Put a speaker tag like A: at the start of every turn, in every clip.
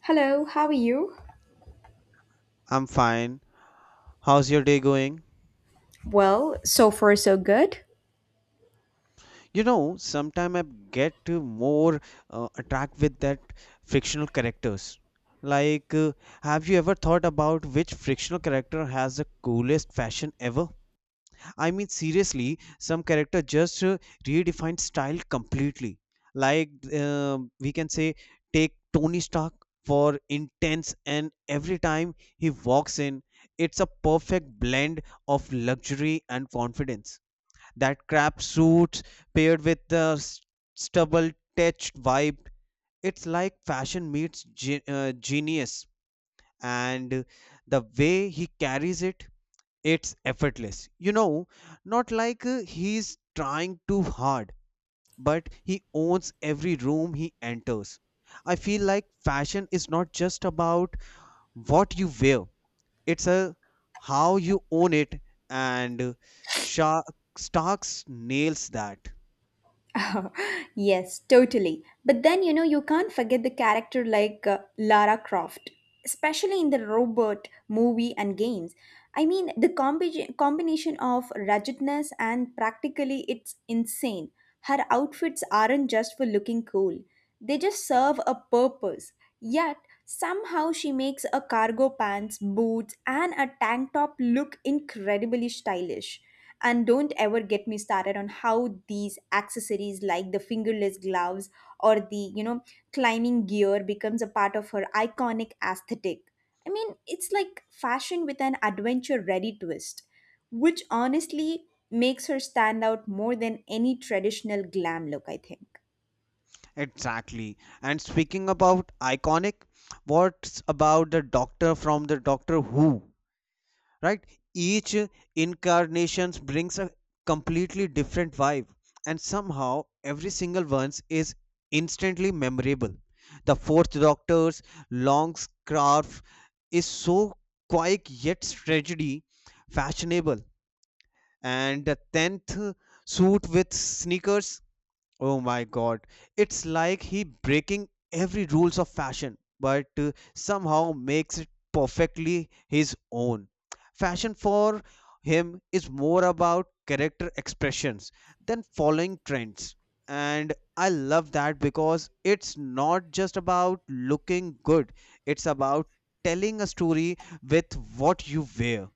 A: Hello, how are you?
B: I'm fine. How's your day going?
A: Well, so far so good.
B: You know, sometimes I get more attract with that fictional characters. Like, uh, have you ever thought about which fictional character has the coolest fashion ever? I mean, seriously, some character just redefined style completely. Like, we can say, take Tony Stark for intense, and every time he walks in, it's a perfect blend of luxury and confidence. That crap suit paired with the stubble touched vibe. It's like fashion meets genius. And the way he carries it, it's effortless. Not like he's trying too hard, but he owns every room he enters. I feel like fashion is not just about what you wear, it's a how you own it and Sha- Starks nails that.
A: Yes, totally. But then you know you can't forget the character like Lara Croft, especially in the robot movie and games. I mean, the combination of ruggedness and practically it's insane. Her outfits aren't just for looking cool. They just serve a purpose. Yet somehow she makes a cargo pants, boots and a tank top look incredibly stylish. And don't ever get me started on how these accessories like the fingerless gloves or the climbing gear becomes a part of her iconic aesthetic. I mean, it's like fashion with an adventure ready twist, which honestly makes her stand out more than any traditional glam look, I think.
B: Exactly. And speaking about iconic, what's about the Doctor from the Doctor Who? Right? Each incarnation brings a completely different vibe, and somehow every single one is instantly memorable. The fourth Doctor's long scarf is so quick yet tragedy fashionable, and the tenth suit with sneakers. Oh my god, it's like he breaking every rules of fashion, but somehow makes it perfectly his own. Fashion for him is more about character expressions than following trends. And I love that because it's not just about looking good, it's about telling a story with what you wear.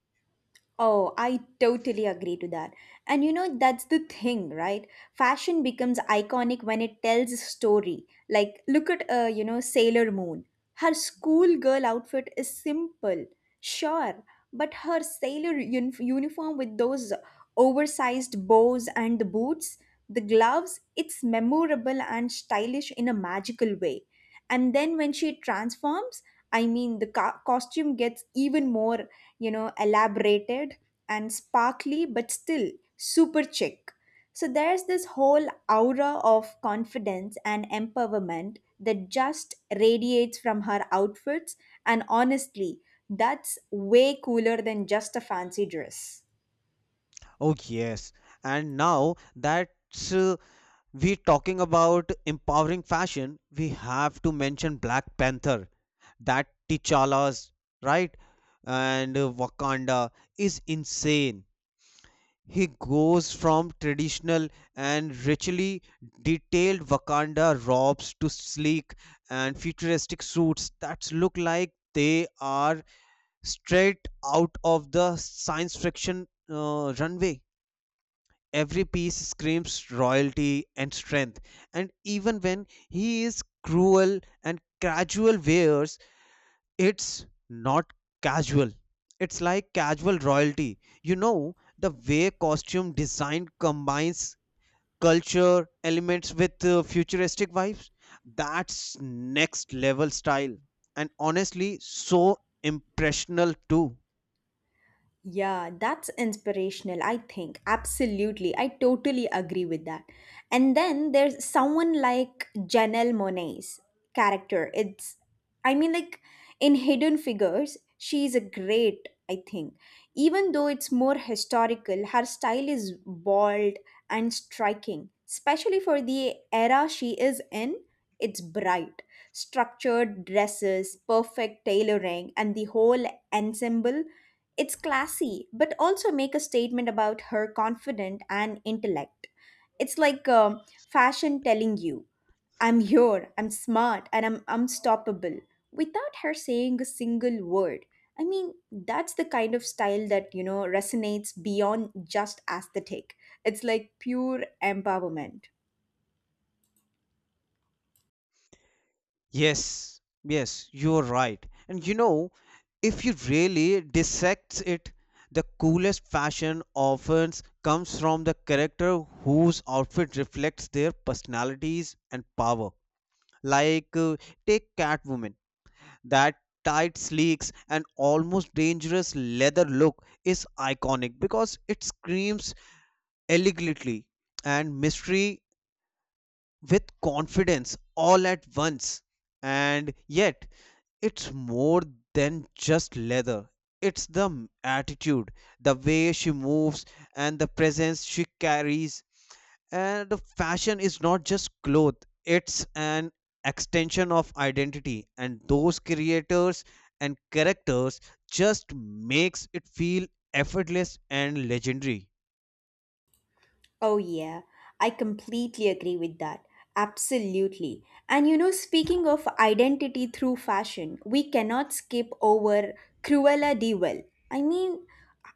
A: Oh, I totally agree to that. And you know, that's the thing, right? Fashion becomes iconic when it tells a story. Like, look at, you know, Sailor Moon. Her schoolgirl outfit is simple, sure, but her uniform with those oversized bows and the boots, the gloves, it's memorable and stylish in a magical way. And then when she transforms, I mean, the costume gets even more, you know, elaborated and sparkly, but still super chic. So there's this whole aura of confidence and empowerment that just radiates from her outfits. And honestly, that's way cooler than just a fancy dress.
B: Oh yes, and now that uh, we talking about empowering fashion, we have to mention Black Panther. That T'Challa's right and Wakanda is insane. He goes from traditional and richly detailed Wakanda robes to sleek and futuristic suits that look like they are straight out of the science fiction runway. Every piece screams royalty and strength, and even when he is cruel and casual wears, it's not casual, it's like casual royalty. You know, the way costume design combines culture elements with futuristic vibes, that's next level style, and honestly so impressional too.
A: Yeah, that's inspirational, I think. Absolutely. I totally agree with that. And then there's someone like Janelle Monae's character. I mean, like, in Hidden Figures, she's a great, I think. Even though it's more historical, her style is bold and striking, especially for the era she is in. It's bright, structured dresses, perfect tailoring, and the whole ensemble, it's classy, but also make a statement about her confidence and intellect. It's like fashion telling you, I'm here, I'm smart, and I'm unstoppable without her saying a single word. I mean, that's the kind of style that, you know, resonates beyond just aesthetic. It's like pure empowerment.
B: Yes, yes, you're right. And you know, if you really dissect it, the coolest fashion often comes from the character whose outfit reflects their personalities and power. Like, uh, take Catwoman. That tight sleeks and almost dangerous leather look is iconic because it screams elegantly and mystery with confidence all at once. And yet, it's more than just leather. It's the attitude, the way she moves, and the presence she carries. And fashion is not just clothes, it's an extension of identity. And those creators and characters just makes it feel effortless and legendary.
A: Oh, yeah, I completely agree with that. Absolutely. And you know, speaking of identity through fashion, we cannot skip over Cruella de Vil. I mean,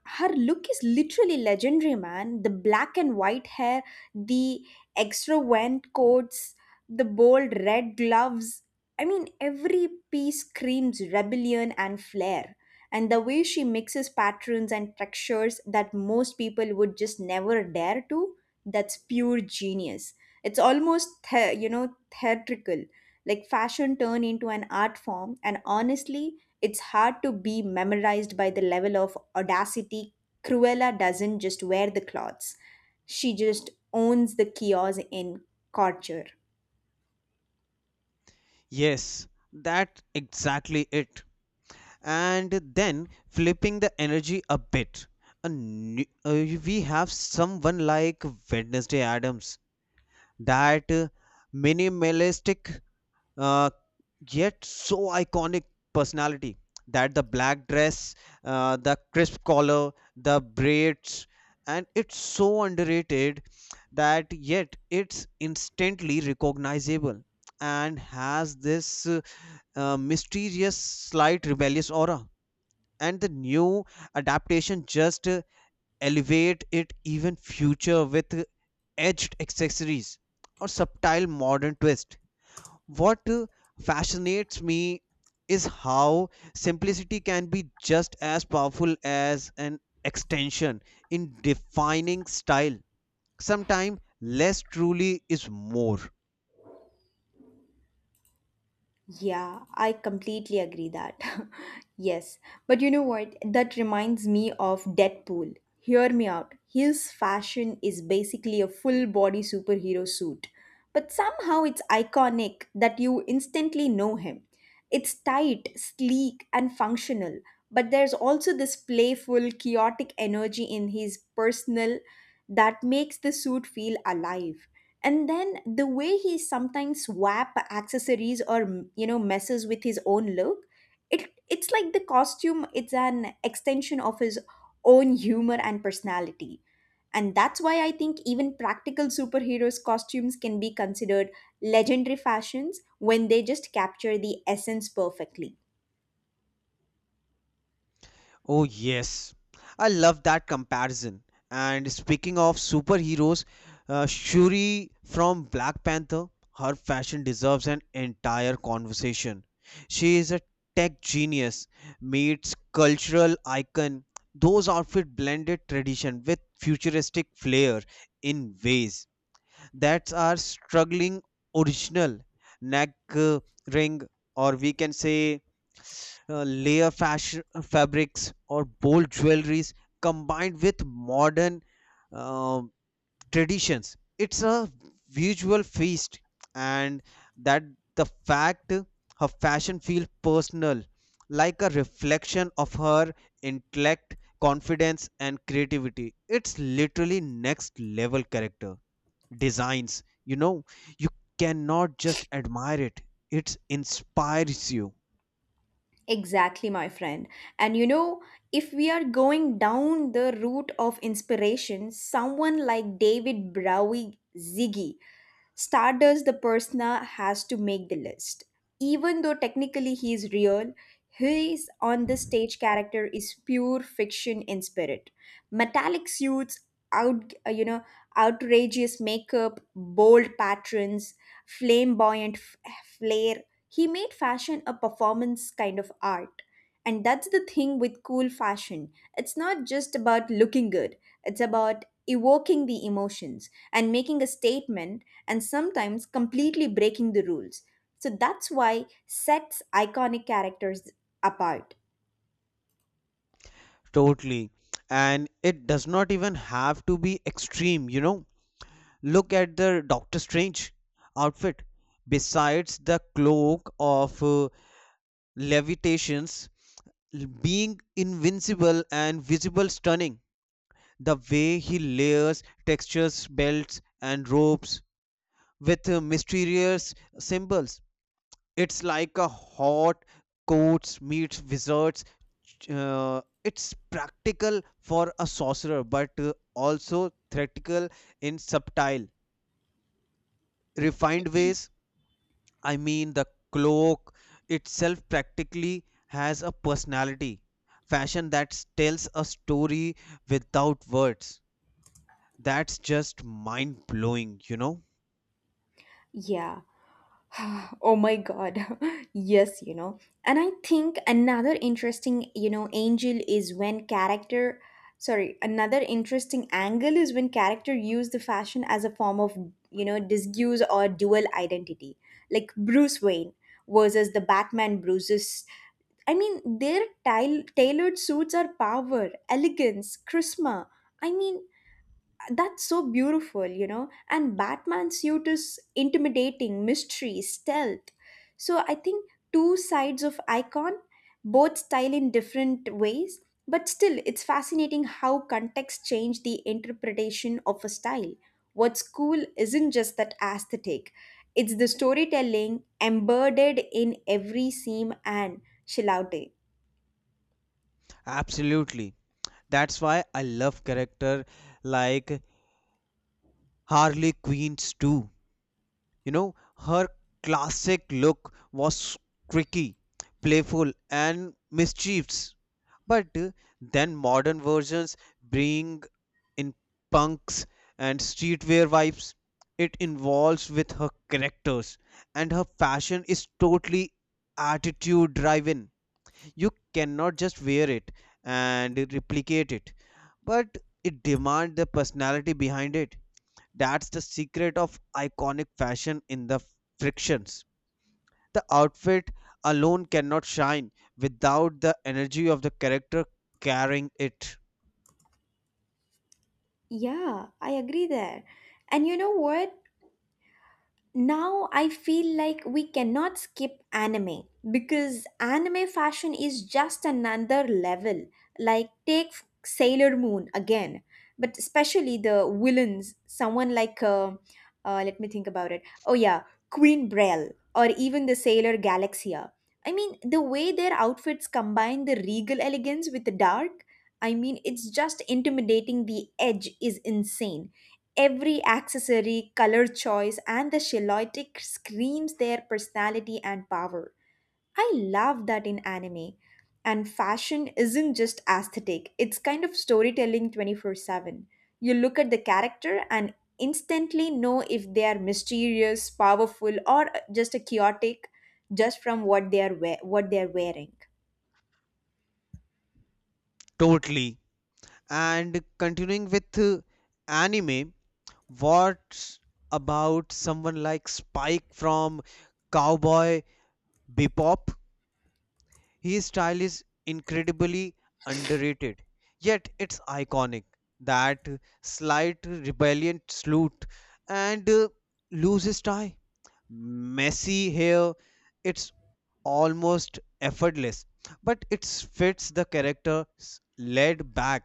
A: her look is literally legendary, man. The black and white hair, the extravagant coats, the bold red gloves. I mean, every piece screams rebellion and flair, and the way she mixes patterns and textures that most people would just never dare to, that's pure genius. It's almost, you know, theatrical, like fashion turned into an art form, and honestly, it's hard to be memorized by the level of audacity. Cruella doesn't just wear the clothes, she just owns the kiosk in culture.
B: Yes, that's exactly it. And then flipping the energy a bit. A new, uh, we have someone like Wednesday Adams, that minimalistic uh, yet so iconic personality. That the black dress, the crisp collar, the braids, and it's so underrated that yet it's instantly recognizable and has this mysterious, slight rebellious aura, and the new adaptation just elevate it even future with edged accessories or subtle modern twist. What fascinates me is how simplicity can be just as powerful as an extension in defining style. Sometimes less truly is more.
A: Yeah, I completely agree that. Yes, but you know what? That reminds me of Deadpool. Hear me out. His fashion is basically a full body superhero suit, but somehow it's iconic that you instantly know him. It's tight, sleek, and functional, but there's also this playful, chaotic energy in his personal that makes the suit feel alive. And then the way he sometimes whap accessories or you know, messes with his own look, it's like the costume, it's an extension of his own humor and personality. And that's why I think even practical superheroes costumes can be considered legendary fashions when they just capture the essence perfectly.
B: Oh, yes. I love that comparison. And speaking of superheroes, Shuri from Black Panther, her fashion deserves an entire conversation. She is a tech genius, meets cultural icon. Those outfits blended tradition with futuristic flair in ways that are struggling original neck uh, ring, or we can say layer fashion, fabrics or bold jewelries combined with modern uh, traditions. It's a visual feast, and that the fact her fashion feels personal, like a reflection of her intellect, confidence, and creativity. It's literally next level character designs. You know, you cannot just admire it; it inspires you.
A: Exactly, my friend. And you know, if we are going down the route of inspiration, someone like david browie ziggy Stardust, the persona, has to make the list. Even though technically he is real, his on the stage character is pure fiction in spirit. Metallic suits, out you know, outrageous makeup, bold patterns, flamboyant flair. He made fashion a performance kind of art. And that's the thing with cool fashion. It's not just about looking good, it's about evoking the emotions and making a statement and sometimes completely breaking the rules. So that's why sets iconic characters apart.
B: Totally. And it does not even have to be extreme, you know. Look at the Doctor Strange outfit. Besides the cloak of levitations, being invincible and visible stunning, the way he layers textures, belts, and ropes with mysterious symbols. It's like a hot coats meets wizards. Uh, it's practical for a sorcerer, but also theatrical in subtle, refined ways. I mean, the cloak itself practically has a personality, fashion that tells a story without words. That's just mind blowing, you know?
A: Yeah. Oh my god. Yes, you know. And I think another interesting, you know, angel is when character sorry, another interesting angle is when character use the fashion as a form of, you know, disguise or dual identity. Like Bruce Wayne versus the Batman Bruce's, I mean, their tailored suits are power, elegance, charisma. I mean, that's so beautiful, you know. And Batman's suit is intimidating, mystery, stealth. So I think two sides of icon, both style in different ways, but still, it's fascinating how context change the interpretation of a style. What's cool isn't just that aesthetic; it's the storytelling embedded in every seam and shilaude.
B: Absolutely. That's why I love character like Harley Queens too. You know, her classic look was tricky, playful, and mischievous. But then modern versions bring in punks and streetwear vibes. It involves with her characters, and her fashion is totally attitude driven. You cannot just wear it and replicate it, but it demands the personality behind it. That's the secret of iconic fashion in the frictions. The outfit alone cannot shine without the energy of the character carrying it.
A: Yeah, I agree there. And you know what? Now I feel like we cannot skip anime because anime fashion is just another level. Like, take Sailor Moon again, but especially the villains, someone like, let me think about it. Oh, yeah, Queen Brel or even the Sailor Galaxia. I mean, the way their outfits combine the regal elegance with the dark, I mean, it's just intimidating. The edge is insane. Every accessory, color choice, and the silhouette screams their personality and power. I love that in anime. And fashion isn't just aesthetic, it's kind of storytelling 24/7. You look at the character and instantly know if they are mysterious, powerful, or just a chaotic, just from what they are wearing.
B: Totally. And continuing with anime, what about someone like Spike from Cowboy Bebop? His style is incredibly underrated, yet it's iconic. That slight rebellion salute and loose his tie, messy hair. It's almost effortless, but it fits the character laid back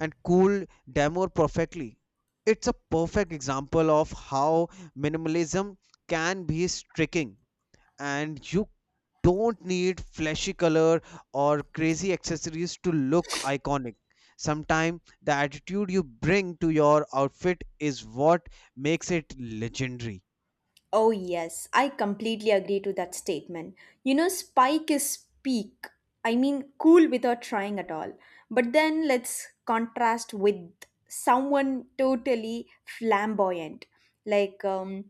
B: and cool Damore perfectly. It's a perfect example of how minimalism can be striking, and you don't need flashy color or crazy accessories to look iconic. Sometimes the attitude you bring to your outfit is what makes it legendary.
A: Oh, yes, I completely agree to that statement. You know, Spike is peak. I mean, cool without trying at all. But then let's contrast with someone totally flamboyant, like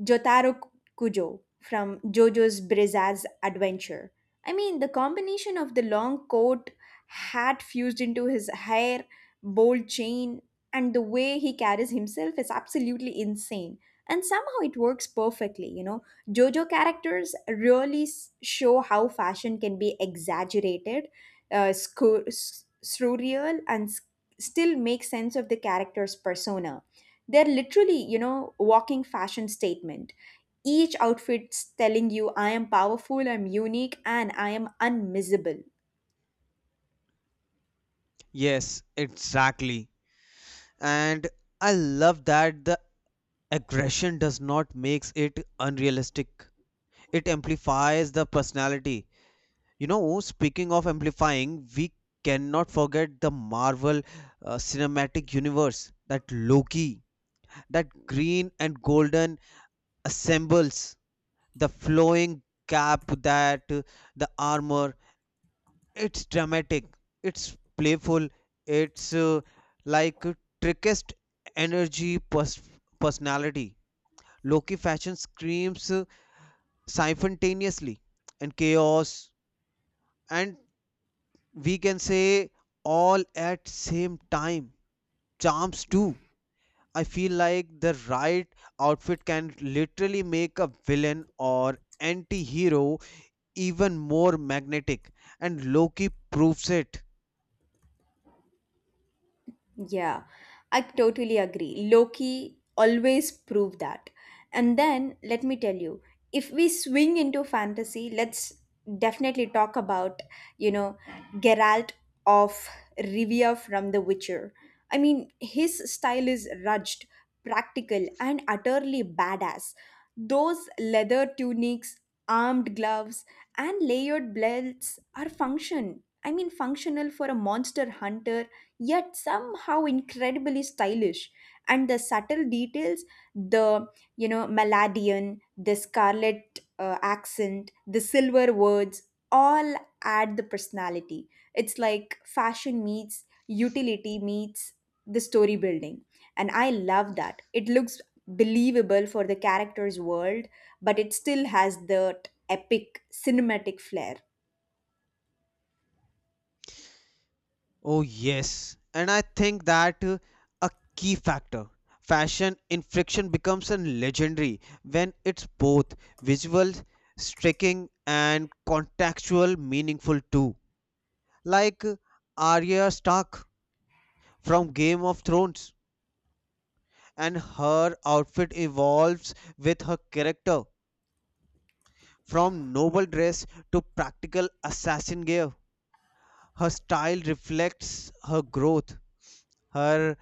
A: Jotaro Kujo from JoJo's Bizarre Adventure. I mean, the combination of the long coat, hat fused into his hair, bold chain, and the way he carries himself is absolutely insane, and somehow it works perfectly. You know, jojo characters really show how fashion can be exaggerated, surreal and still make sense of the character's persona. They're literally, you know, walking fashion statement. Each outfit's telling you, I am powerful, I'm unique, and I am unmissable.
B: Yes, exactly. And I love that the aggression does not makes it unrealistic. It amplifies the personality. You know, speaking of amplifying, we cannot forget the Marvel cinematic universe. That Loki, that green and golden assembles, the flowing cap that the armor, it's dramatic, it's playful, it's like uh, trickest energy personality. Loki fashion screams simultaneously and chaos and, we can say, all at same time charms too. I feel like the right outfit can literally make a villain or anti hero even more magnetic, and Loki proves it.
A: Yeah, I totally agree. Loki always proved that. And then let me tell you, if we swing into fantasy, let's definitely talk about, you know, Geralt of Rivia from The Witcher. I mean, his style is rugged, practical, and utterly badass. Those leather tunics, armed gloves, and layered belts are function. I mean, functional for a monster hunter, yet somehow incredibly stylish. And the subtle details, the, you know, melodeon, the scarlet accent, the silver words, all add the personality. It's like fashion meets utility meets the story building. And I love that it looks believable for the character's world, but it still has that epic cinematic flair.
B: Oh, yes. And I think that a key factor fashion in friction becomes a legendary when it's both visual, striking, and contextual meaningful too. Like uh, Arya Stark from Game of Thrones and her outfit evolves with her character from noble dress to practical assassin gear. Her style reflects her growth, her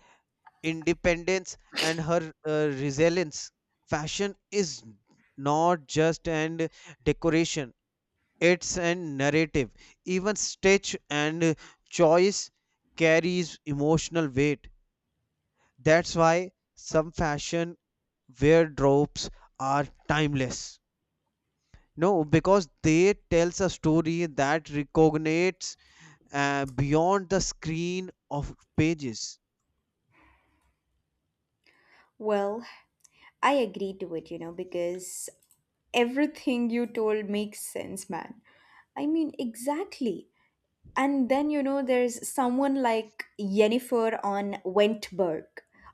B: independence, and her resilience. Fashion is not just an decoration, it's a narrative. Even stitch and choice carries emotional weight. That's why some fashion wardrobes are timeless. No, because they tells a story that resonates beyond the screen of pages.
A: Well, I agree to it, you know, because everything you told makes sense, man. I mean, exactly. And then, you know, there's someone like Yennefer on Wentberg,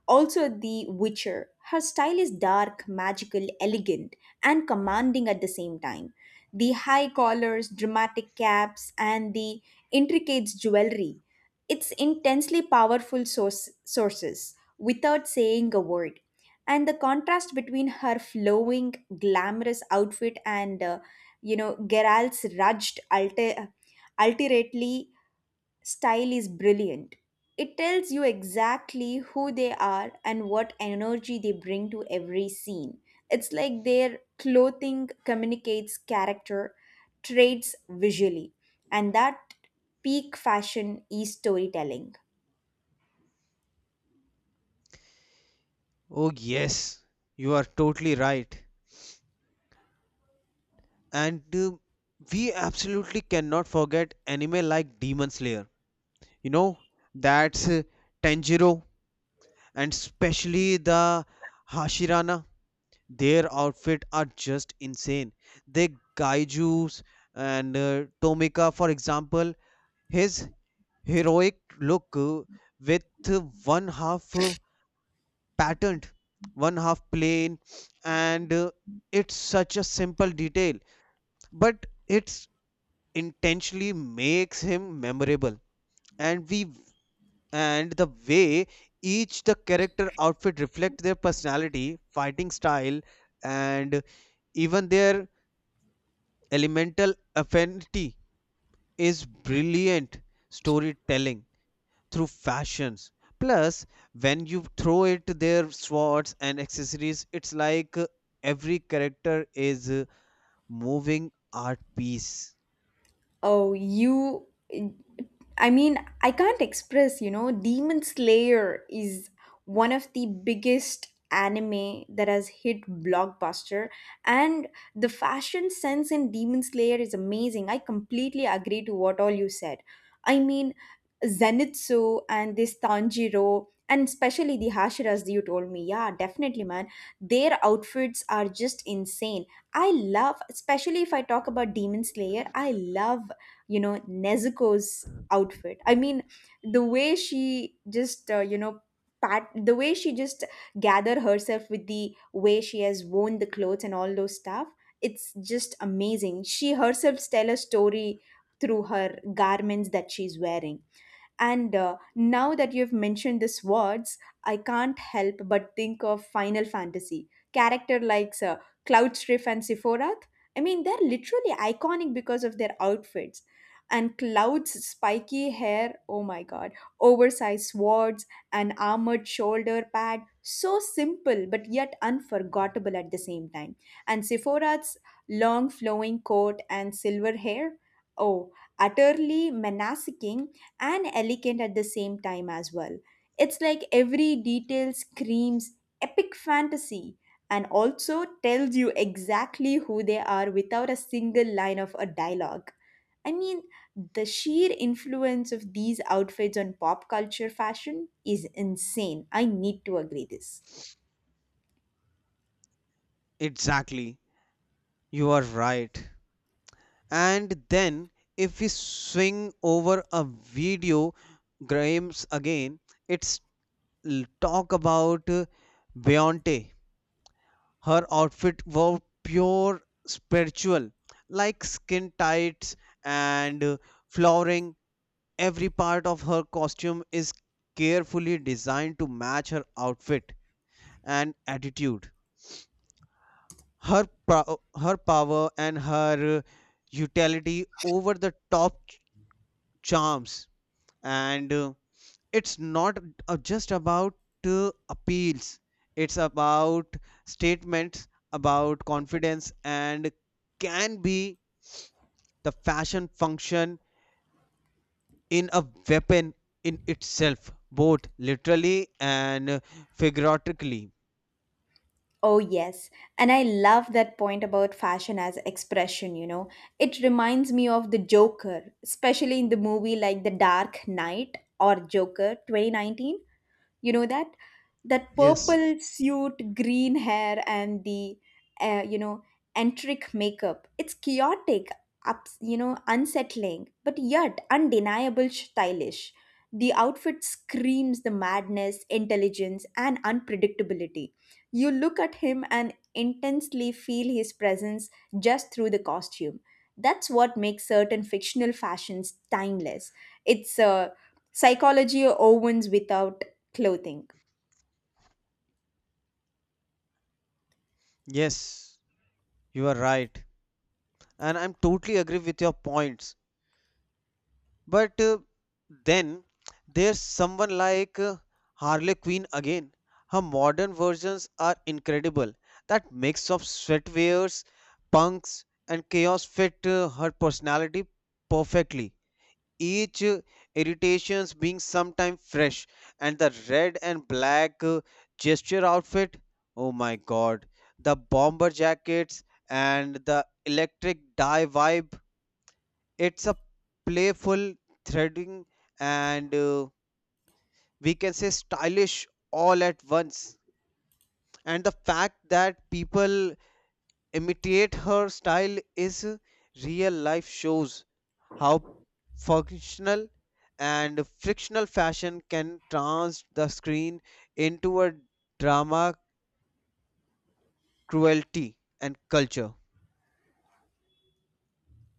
A: also the Witcher. Her style is dark, magical, elegant, and commanding at the same time. The high collars, dramatic caps, and the intricate jewelry. It's intensely powerful sources without saying a word. And the contrast between her flowing, glamorous outfit and, you know, Geralt's rugged, alterately style is brilliant. It tells you exactly who they are and what energy they bring to every scene. It's like their clothing communicates character traits visually, and that peak fashion is storytelling.
B: Oh yes, you are totally right. And we absolutely cannot forget anime like Demon Slayer. You know, that's Tanjiro and especially the Hashirana. Their outfit are just insane. They gaijus and Tomika, for example, his heroic look with one half patterned, one half plain, and it's such a simple detail, but it's intentionally makes him memorable. And we and the way each the character outfit reflect their personality, fighting style, and even their elemental affinity is brilliant storytelling through fashions. Plus, when you throw it their swords and accessories, it's like every character is a moving art piece.
A: Oh, you. I mean, I can't express, you know, Demon Slayer is one of the biggest anime that has hit blockbuster, and the fashion sense in demon slayer is amazing. I completely agree to what all you said. I mean, zenitsu and this tanjiro and especially the hashiras you told me, yeah, definitely, man. Their outfits are just insane. I love, especially if I talk about Demon Slayer, I love, you know, Nezuko's outfit. I mean, the way she just, you know, pat the way she just gather herself with the way she has worn the clothes and all those stuff. It's just amazing. She herself tell a story through her garments that she's wearing. And now that you've mentioned these words, I can't help but think of Final Fantasy. Character like Cloudstriff and Sephorath. I mean, they're literally iconic because of their outfits. And Cloud's spiky hair, oh my god, oversized swords, an armored shoulder pad, so simple but yet unforgettable at the same time. And Sephorath's long flowing coat and silver hair, oh, utterly menacing and elegant at the same time as well. It's like every detail screams epic fantasy and also tells you exactly who they are without a single line of a dialogue. I mean, the sheer influence of these outfits on pop culture fashion is insane. I need to agree this.
B: Exactly, you are right. And then, if we swing over a video, Grimes again, it's talk about Beyonce. Her outfit was pure spiritual, like skin tights and flooring. Every part of her costume is carefully designed to match her outfit and attitude. Her power and her utility over the top charms. And it's not just about appeals, it's about statements about confidence and can be the fashion function in a weapon in itself, both literally and figuratively.
A: Oh, yes. And I love that point about fashion as expression, you know. It reminds me of the Joker, especially in the movie like The Dark Knight or Joker 2019. You know that
B: Yes.
A: purple suit, green hair, and the you know, entric makeup. It's chaotic, ups, you know, unsettling, but yet undeniable stylish. The outfit screams the madness, intelligence, and unpredictability. You look at him and intensely feel his presence just through the costume. That's what makes certain fictional fashions timeless. It's Psychology Owens without clothing.
B: Yes, you are right. And I'm totally agree with your points. But then there's someone like Harley Quinn again. Her modern versions are incredible. That mix of sweatwears, punks, and chaos fit her personality perfectly. Each irritations being sometime fresh, and the red and black gesture outfit, oh my god, the bomber jackets and the electric dye vibe, it's a playful threading and, we can say, stylish all at once. And the fact that people imitate her style is real life shows how functional and frictional fashion can trans the screen into a drama cruelty and culture.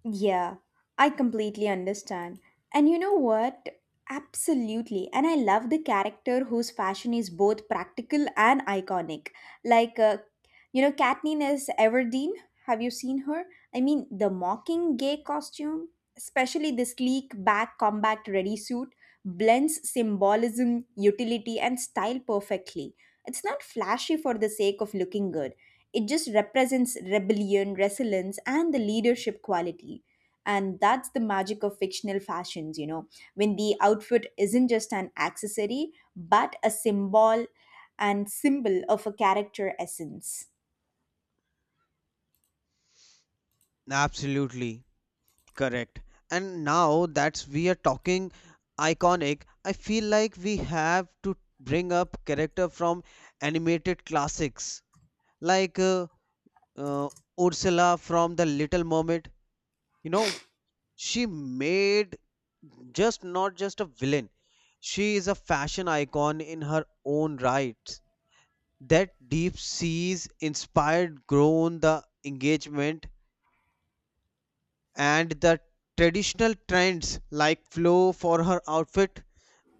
A: Yeah, I completely understand. And you know what? Absolutely. And I love the character whose fashion is both practical and iconic. Like, you know, Katniss Everdeen. Have you seen her? I mean, the mockingjay costume, especially the sleek back combat ready suit, blends symbolism, utility, and style perfectly. It's not flashy for the sake of looking good. It just represents rebellion, resilience, and the leadership quality. And that's the magic of fictional fashions, you know, when the outfit isn't just an accessory, but a symbol and symbol of a character essence.
B: Absolutely correct. And now that we are talking iconic, I feel like we have to bring up character from animated classics like uh, Ursula from The Little Mermaid. You know, she made just not just a villain, she is a fashion icon in her own right. That deep seas inspired grown the engagement, and the traditional trends like flow for her outfit,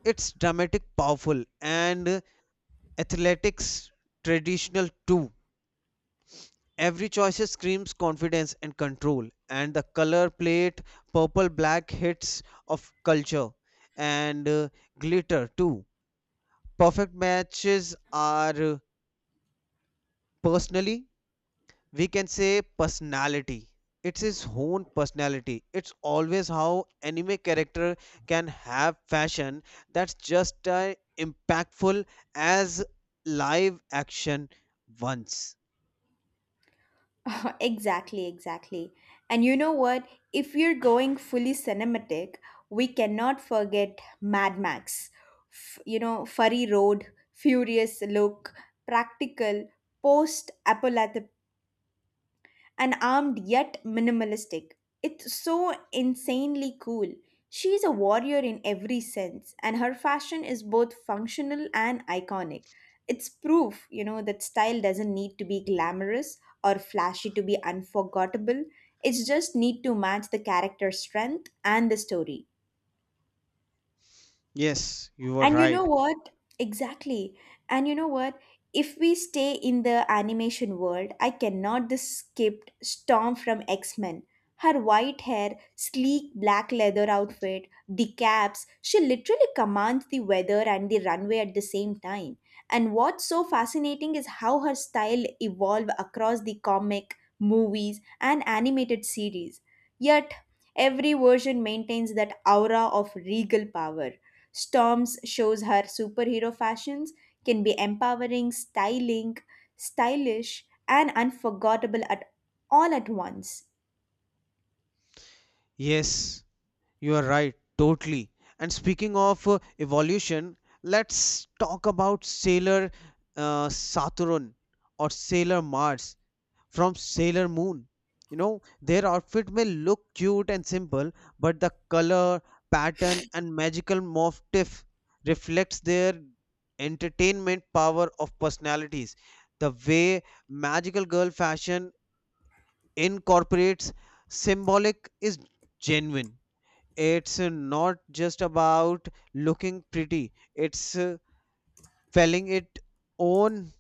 B: it's dramatic, powerful, and athletics traditional too. Every choice screams confidence and control, and the color plate, purple black hits of culture and glitter too. Perfect matches are personally, we can say personality. It's his own personality. It's always how anime character can have fashion that's just impactful as live action once.
A: Exactly, exactly. And you know what? If we're going fully cinematic, we cannot forget Mad Max. You know, Furry Road, Furious Look, Practical, Post and armed yet minimalistic. It's so insanely cool. She's a warrior in every sense, and her fashion is both functional and iconic. It's proof, you know, that style doesn't need to be glamorous or flashy to be unforgettable. It's just need to match the character's strength and the story.
B: Yes, you are
A: And you know
B: right.
A: what? Exactly. And you know what? If we stay in the animation world, I cannot this skip Storm from X-Men. Her white hair, sleek black leather outfit, the caps, she literally commands the weather and the runway at the same time. And what's so fascinating is how her style evolved across the comic, movies, and animated series. Yet, every version maintains that aura of regal power. Storms shows her superhero fashions can be empowering, styling, stylish, and unforgettable at all at once.
B: Yes, you are right, totally. And speaking of evolution, let's talk about Sailor Saturn or Sailor Mars from Sailor Moon. You know, their outfit may look cute and simple, but the color, pattern, and magical motif reflects their entertainment power of personalities. The way magical girl fashion incorporates symbolic is genuine. It's not just about looking pretty, it's feeling it own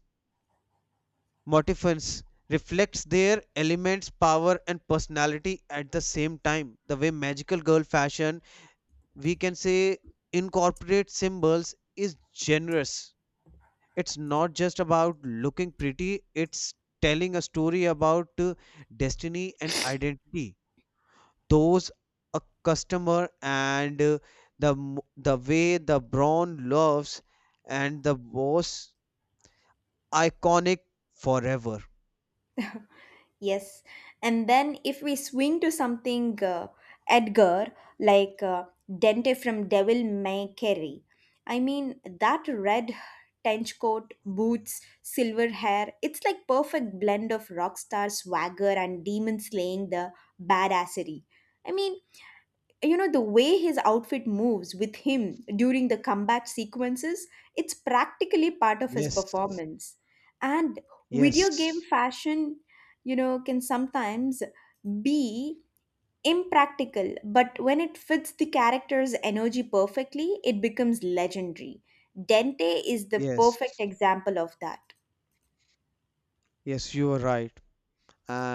B: motifs reflects their elements, power, and personality at the same time. The way magical girl fashion, we can say, incorporate symbols is generous. It's not just about looking pretty, it's telling a story about destiny and identity. Those a customer and the the way the brown loves and the was iconic forever.
A: Yes, and then if we swing to something Edgar like Dente from Devil May Carry, I mean that red trench coat, boots, silver hair, it's like perfect blend of rock star swagger and demon slaying the badassery. I mean, you know the way his outfit moves with him during the combat sequences, it's practically part of his
B: Yes,
A: performance. And video game
B: yes,
A: fashion, you know, can sometimes be impractical, but when it fits the character's energy perfectly, it becomes legendary. Dente is the
B: yes,
A: perfect example of that.
B: yes, you are right. And